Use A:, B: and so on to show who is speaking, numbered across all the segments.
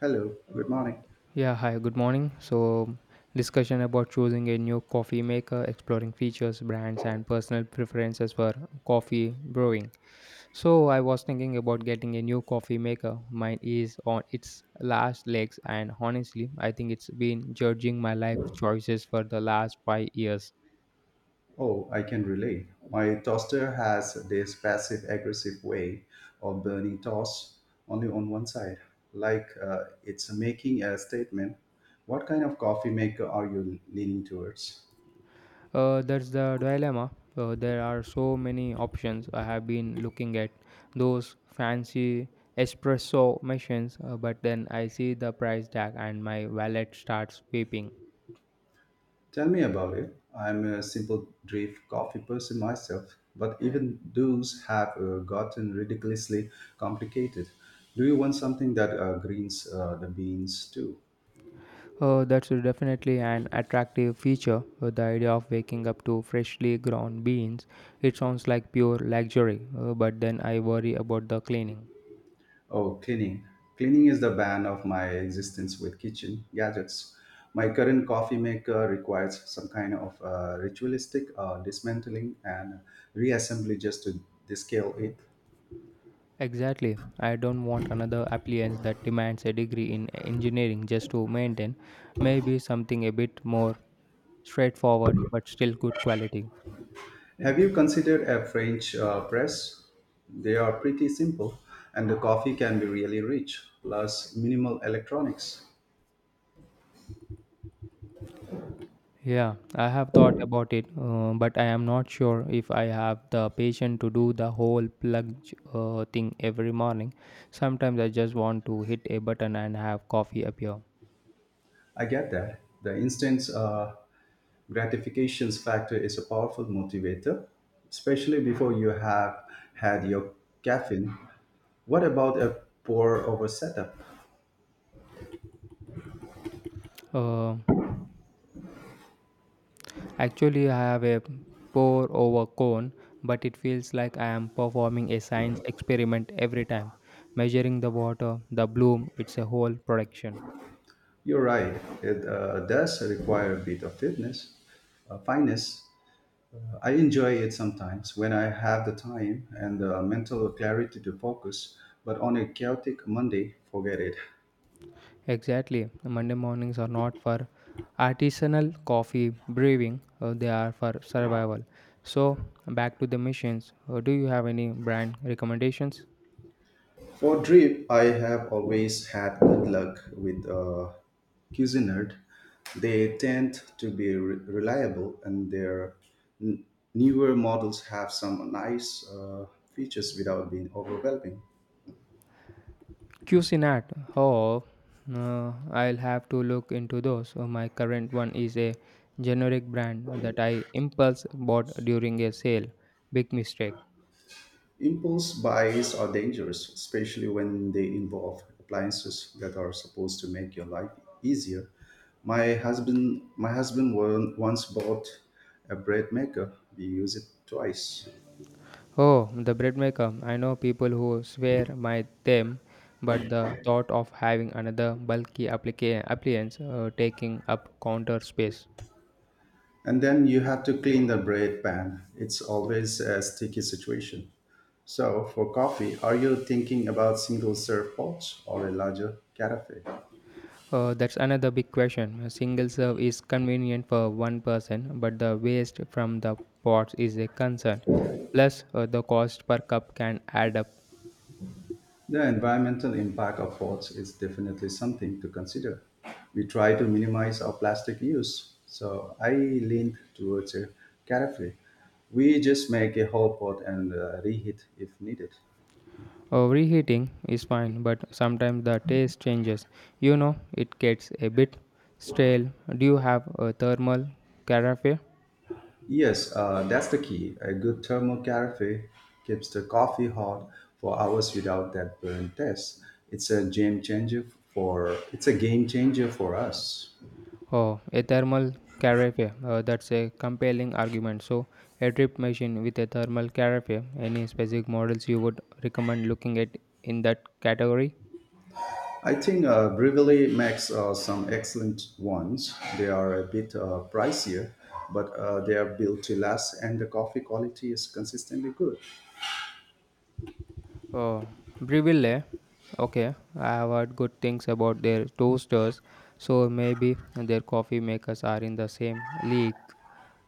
A: Hello, good morning.
B: Yeah, hi, good morning. So, discussion about choosing a new coffee maker, exploring features, brands, and personal preferences for coffee brewing. So, I was thinking about getting a new coffee maker. Mine is on its last legs, and honestly, I think it's been judging my life choices for the last 5 years.
A: Oh, I can relate. My toaster has this passive aggressive way of burning toast only on one side, like it's making a statement. What kind of coffee maker are you leaning towards?
B: That's the dilemma. There are so many options. I have been looking at those fancy espresso machines, but then I see the price tag and my wallet starts weeping.
A: Tell me about it. I'm a simple drip coffee person myself, but even those have gotten ridiculously complicated. Do you want something that greens the beans too?
B: That's definitely an attractive feature. The idea of waking up to freshly ground beans. It sounds like pure luxury, but then I worry about the cleaning.
A: Oh, cleaning. Cleaning is the bane of my existence with kitchen gadgets. My current coffee maker requires some kind of ritualistic dismantling and reassembly just to descale it.
B: Exactly. I don't want another appliance that demands a degree in engineering just to maintain. Maybe something a bit more straightforward but still good quality.
A: Have you considered a French press? They are pretty simple, and the coffee can be really rich, plus minimal electronics.
B: Yeah, I have thought about it, but I am not sure if I have the patience to do the whole plug thing every morning. Sometimes I just want to hit a button and have coffee appear.
A: I get that. The instant gratifications factor is a powerful motivator, especially before you have had your caffeine. What about a pour over setup?
B: Uh, Actually, I have a pour over cone, but it feels like I am performing a science experiment every time. Measuring the water, the bloom, it's a whole production.
A: You're right, it does require a bit of fitness, fineness. I enjoy it sometimes when I have the time and the mental clarity to focus, but on a chaotic Monday, forget it.
B: Exactly. Monday mornings are not for artisanal coffee brewing, they are for survival. So, back to the machines. Do you have any brand recommendations?
A: For drip, I have always had good luck with Cuisinart. They tend to be reliable, and their n- newer models have some nice features without being overwhelming.
B: Cuisinart. Oh, I'll have to look into those. My current one is a generic brand that I impulse bought during a sale. Big mistake.
A: Impulse buys are dangerous, especially when they involve appliances that are supposed to make your life easier. My husband once bought a bread maker. We use it twice.
B: Oh, the bread maker. I know people who swear by them, but the thought of having another bulky appliance taking up counter space.
A: And then you have to clean the bread pan. It's always a sticky situation. So, for coffee, are you thinking about single serve pots or a larger carafe?
B: That's another big question. A single serve is convenient for one person, but the waste from the pots is a concern. Plus, the cost per cup can add up.
A: The environmental impact of pots is definitely something to consider. We try to minimize our plastic use, so I leaned towards a carafe. We just make a whole pot and reheat if needed.
B: Reheating is fine, but sometimes the taste changes. You know, it gets a bit stale. Do you have a thermal carafe?
A: Yes, that's the key. A good thermocarafe keeps the coffee hot for hours without that burn test. It's a game changer it's a game changer for us.
B: Oh, a thermal carafe. That's a compelling argument. So, a drip machine with a thermal carafe. Any specific models you would recommend looking at in that category?
A: I think Brively makes some excellent ones. They are a bit pricier, but they are built to last, and the coffee quality is consistently good.
B: Oh, Briville. Okay, I have heard good things about their toasters, so maybe their coffee makers are in the same league.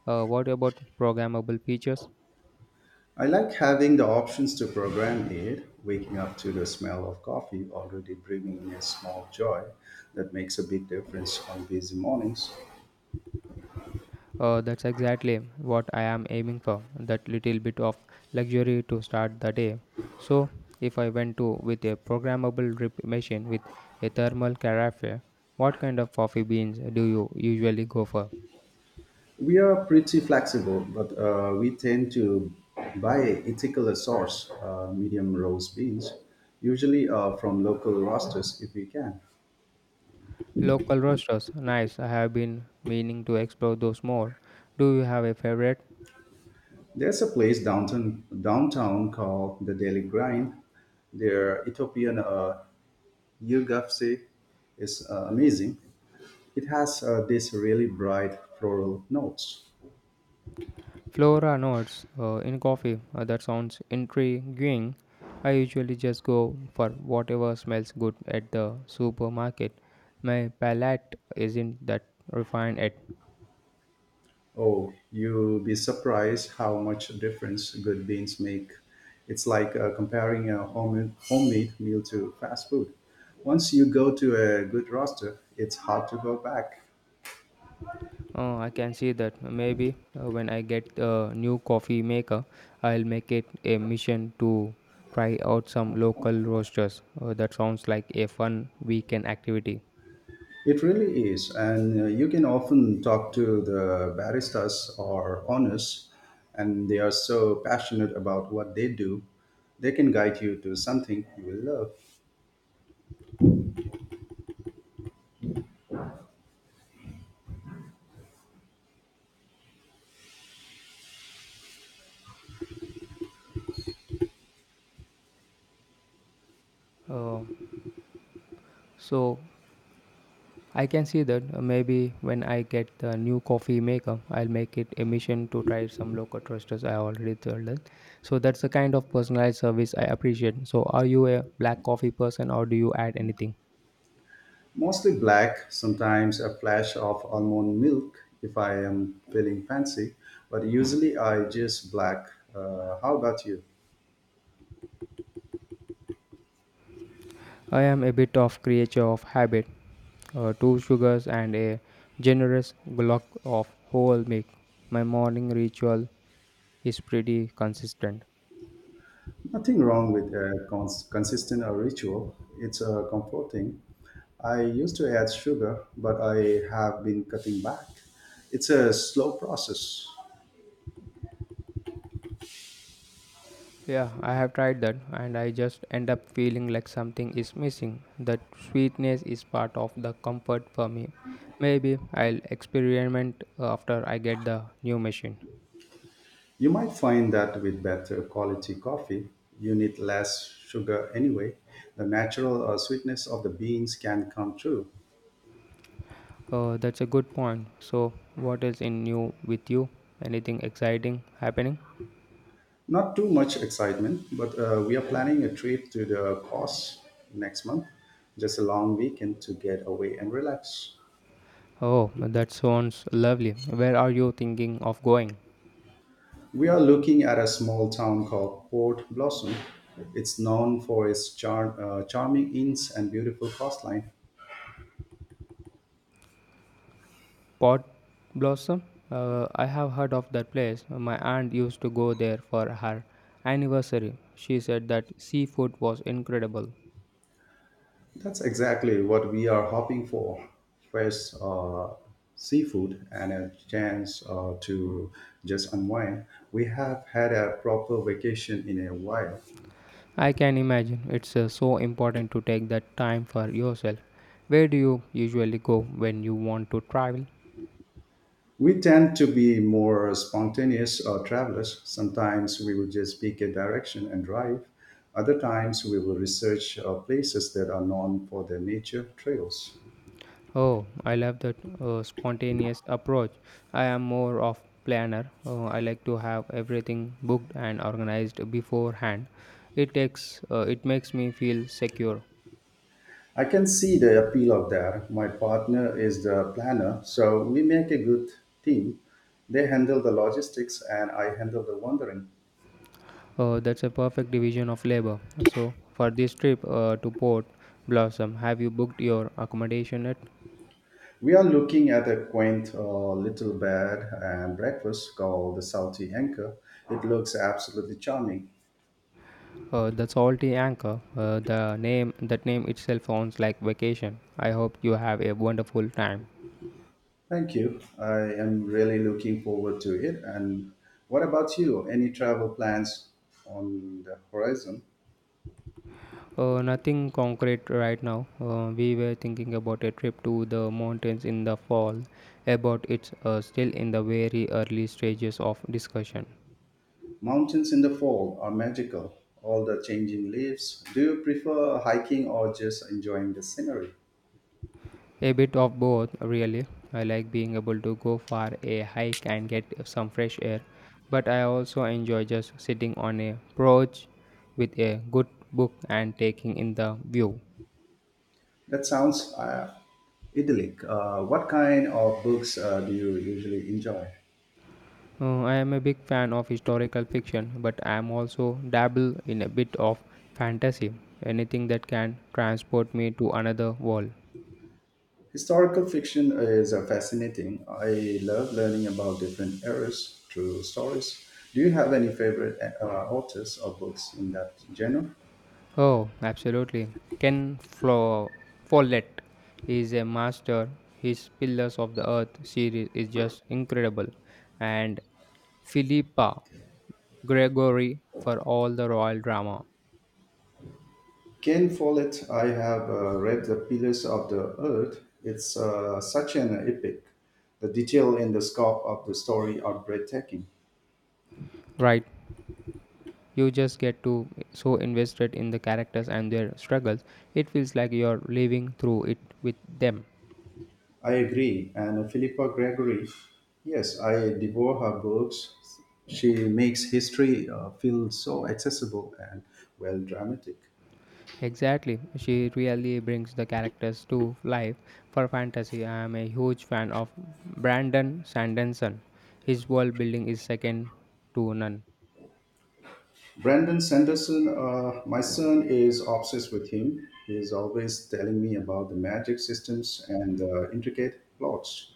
B: What about programmable features?
A: I like having the options to program it, waking up to the smell of coffee, already bringing in a small joy that makes a big difference on busy mornings.
B: That's exactly what I am aiming for, that little bit of luxury to start the day. So, if I went to with a programmable drip machine with a thermal carafe, what kind of coffee beans do you usually go for?
A: We are pretty flexible, but we tend to buy ethical source, medium roast beans, usually from local roasters if we can.
B: Local roasters, nice. I have been meaning to explore those more. Do you have a favorite?
A: There's a place downtown called the Daily Grind. Their Ethiopian yulgafse is amazing. It has these really bright floral notes.
B: Flora notes in coffee. That sounds intriguing. I usually just go for whatever smells good at the supermarket. My palate isn't that refined yet.
A: Oh, you'll be surprised how much difference good beans make. It's like comparing a homemade meal to fast food. Once you go to a good roster, it's hard to go back.
B: I can see that. Maybe when I get a new coffee maker, I'll make it a mission to try out some local roasters. That sounds like a fun weekend activity.
A: It really is, and you can often talk to the baristas or owners, and they are so passionate about what they do. They can guide you to something you will love.
B: Uh, so I can see that, maybe when I get the new coffee maker, I'll make it a mission to try some local roasters I already told it. So that's the kind of personalized service I appreciate. So are you a black coffee person or do you add anything?
A: Mostly black, sometimes a flash of almond milk if I am feeling fancy, but usually I just black. How about you?
B: I am a bit of creature of habit, two sugars and a generous block of whole milk. My morning ritual is pretty consistent.
A: Nothing wrong with a consistent ritual. It's comforting. I used to add sugar, but I have been cutting back. It's a slow process.
B: Yeah, I have tried that and I just end up feeling like something is missing. That sweetness is part of the comfort for me. Maybe I'll experiment after I get the new machine.
A: You might find that with better quality coffee, you need less sugar anyway. The natural sweetness of the beans can come through.
B: That's a good point. So, what is in new with you? Anything exciting happening?
A: Not too much excitement, but we are planning a trip to the coast next month. Just a long weekend to get away and relax.
B: Oh, that sounds lovely. Where are you thinking of going?
A: We are looking at a small town called Port Blossom. It's known for its charming inns and beautiful coastline.
B: Pot Blossom? I have heard of that place. My aunt used to go there for her anniversary. She said that seafood was incredible.
A: That's exactly what we are hoping for fresh seafood and a chance to just unwind. We have had a proper vacation in a while.
B: I can imagine it's so important to take that time for yourself. Where do you usually go when you want to travel?
A: We tend to be more spontaneous travelers. Sometimes we will just pick a direction and drive. Other times we will research places that are known for their nature trails.
B: Oh, I love that spontaneous approach. I am more of planner. I like to have everything booked and organized beforehand. It takes it makes me feel secure.
A: I can see the appeal of that. My partner is the planner, so we make a good team. They handle the logistics and I handle the wandering.
B: Oh, that's a perfect division of labor. So, for this trip to Port Blossom, have you booked your accommodation at
A: We are looking at a quaint little bed and breakfast called the Salty Anchor. It looks absolutely charming.
B: the Salty Anchor? The name, that name itself sounds like vacation. I hope you have a wonderful time.
A: Thank you. I am really looking forward to it. And what about you? Any travel plans on the horizon?
B: Nothing concrete right now. We were thinking about a trip to the mountains in the fall, about it's still in the very early stages of discussion.
A: Mountains in the fall are magical, all the changing leaves. Do you prefer hiking or just enjoying the scenery?
B: A bit of both, really. I like being able to go for a hike and get some fresh air, but I also enjoy just sitting on a porch with a good book and taking in the view.
A: That sounds idyllic. What kind of books do you usually enjoy?
B: I am a big fan of historical fiction, but I am also dabble in a bit of fantasy, anything that can transport me to another world.
A: Historical fiction is fascinating. I love learning about different eras through stories. Do you have any favorite authors or books in that genre?
B: Oh, absolutely. Ken Flo- Follett is a master. His Pillars of the Earth series is just incredible. And Philippa Gregory for all the royal drama.
A: Ken Follett, I have read The Pillars of the Earth. It's such an epic. The detail in the scope of the story are breathtaking.
B: Right, you just get to so invested in the characters and their struggles. It feels like you're living through it with them.
A: I agree. And Philippa Gregory, yes, I devour her books. She makes history feel so accessible and well dramatic.
B: Exactly. She really brings the characters to life for fantasy. I am a huge fan of Brandon Sanderson. His world building is second to none.
A: Brandon Sanderson, my son is obsessed with him. He is always telling me about the magic systems and the intricate plots.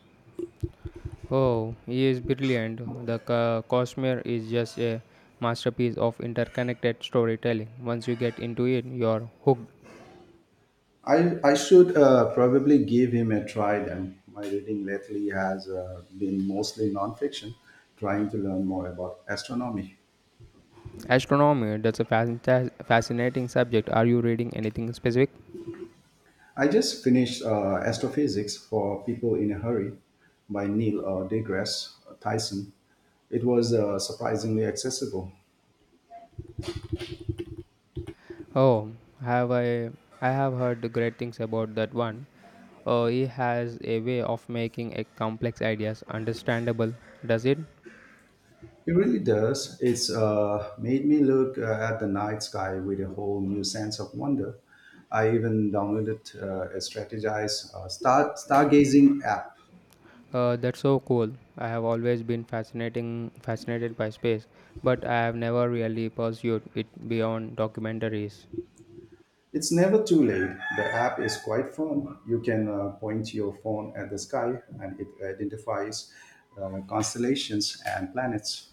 B: Oh, he is brilliant. The Cosmere is just a masterpiece of interconnected storytelling. Once you get into it, you're hooked.
A: I should probably give him a try then. My reading lately has been mostly nonfiction, trying to learn more about astronomy.
B: Astronomy, that's a fascinating subject. Are you reading anything specific?
A: I just finished Astrophysics for People in a Hurry by Neil deGrasse Tyson. It was surprisingly accessible.
B: Oh, have I have heard great things about that one. He has a way of making a complex ideas understandable. Does it?
A: It really does. It's made me look at the night sky with a whole new sense of wonder. I even downloaded a strategized stargazing app.
B: That's so cool. I have always been fascinating fascinated by space, but I have never really pursued it beyond documentaries.
A: It's never too late. The app is quite fun. You can point your phone at the sky, and it identifies constellations and planets.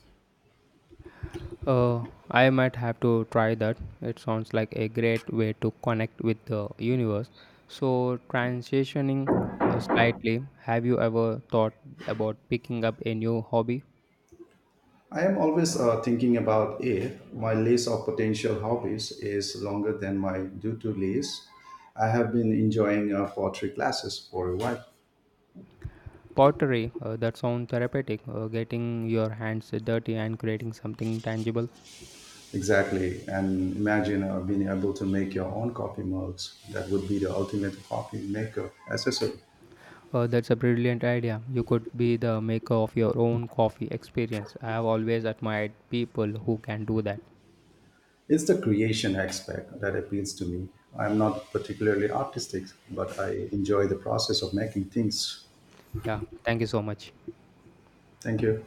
B: Uh, I might have to try that. It sounds like a great way to connect with the universe. So transitioning slightly, have you ever thought about picking up a new hobby?
A: I am always thinking about if my list of potential hobbies is longer than my due to list. I have been enjoying pottery classes for a while.
B: Pottery, that sounds therapeutic. Getting your hands dirty and creating something tangible.
A: Exactly, and imagine being able to make your own coffee mugs. That would be the ultimate coffee maker accessory.
B: That's a brilliant idea. You could be the maker of your own coffee experience. I have always admired people who can do that.
A: It's the creation aspect that appeals to me. I'm not particularly artistic, but I enjoy the process of making things.
B: Yeah, thank you so much.
A: Thank you.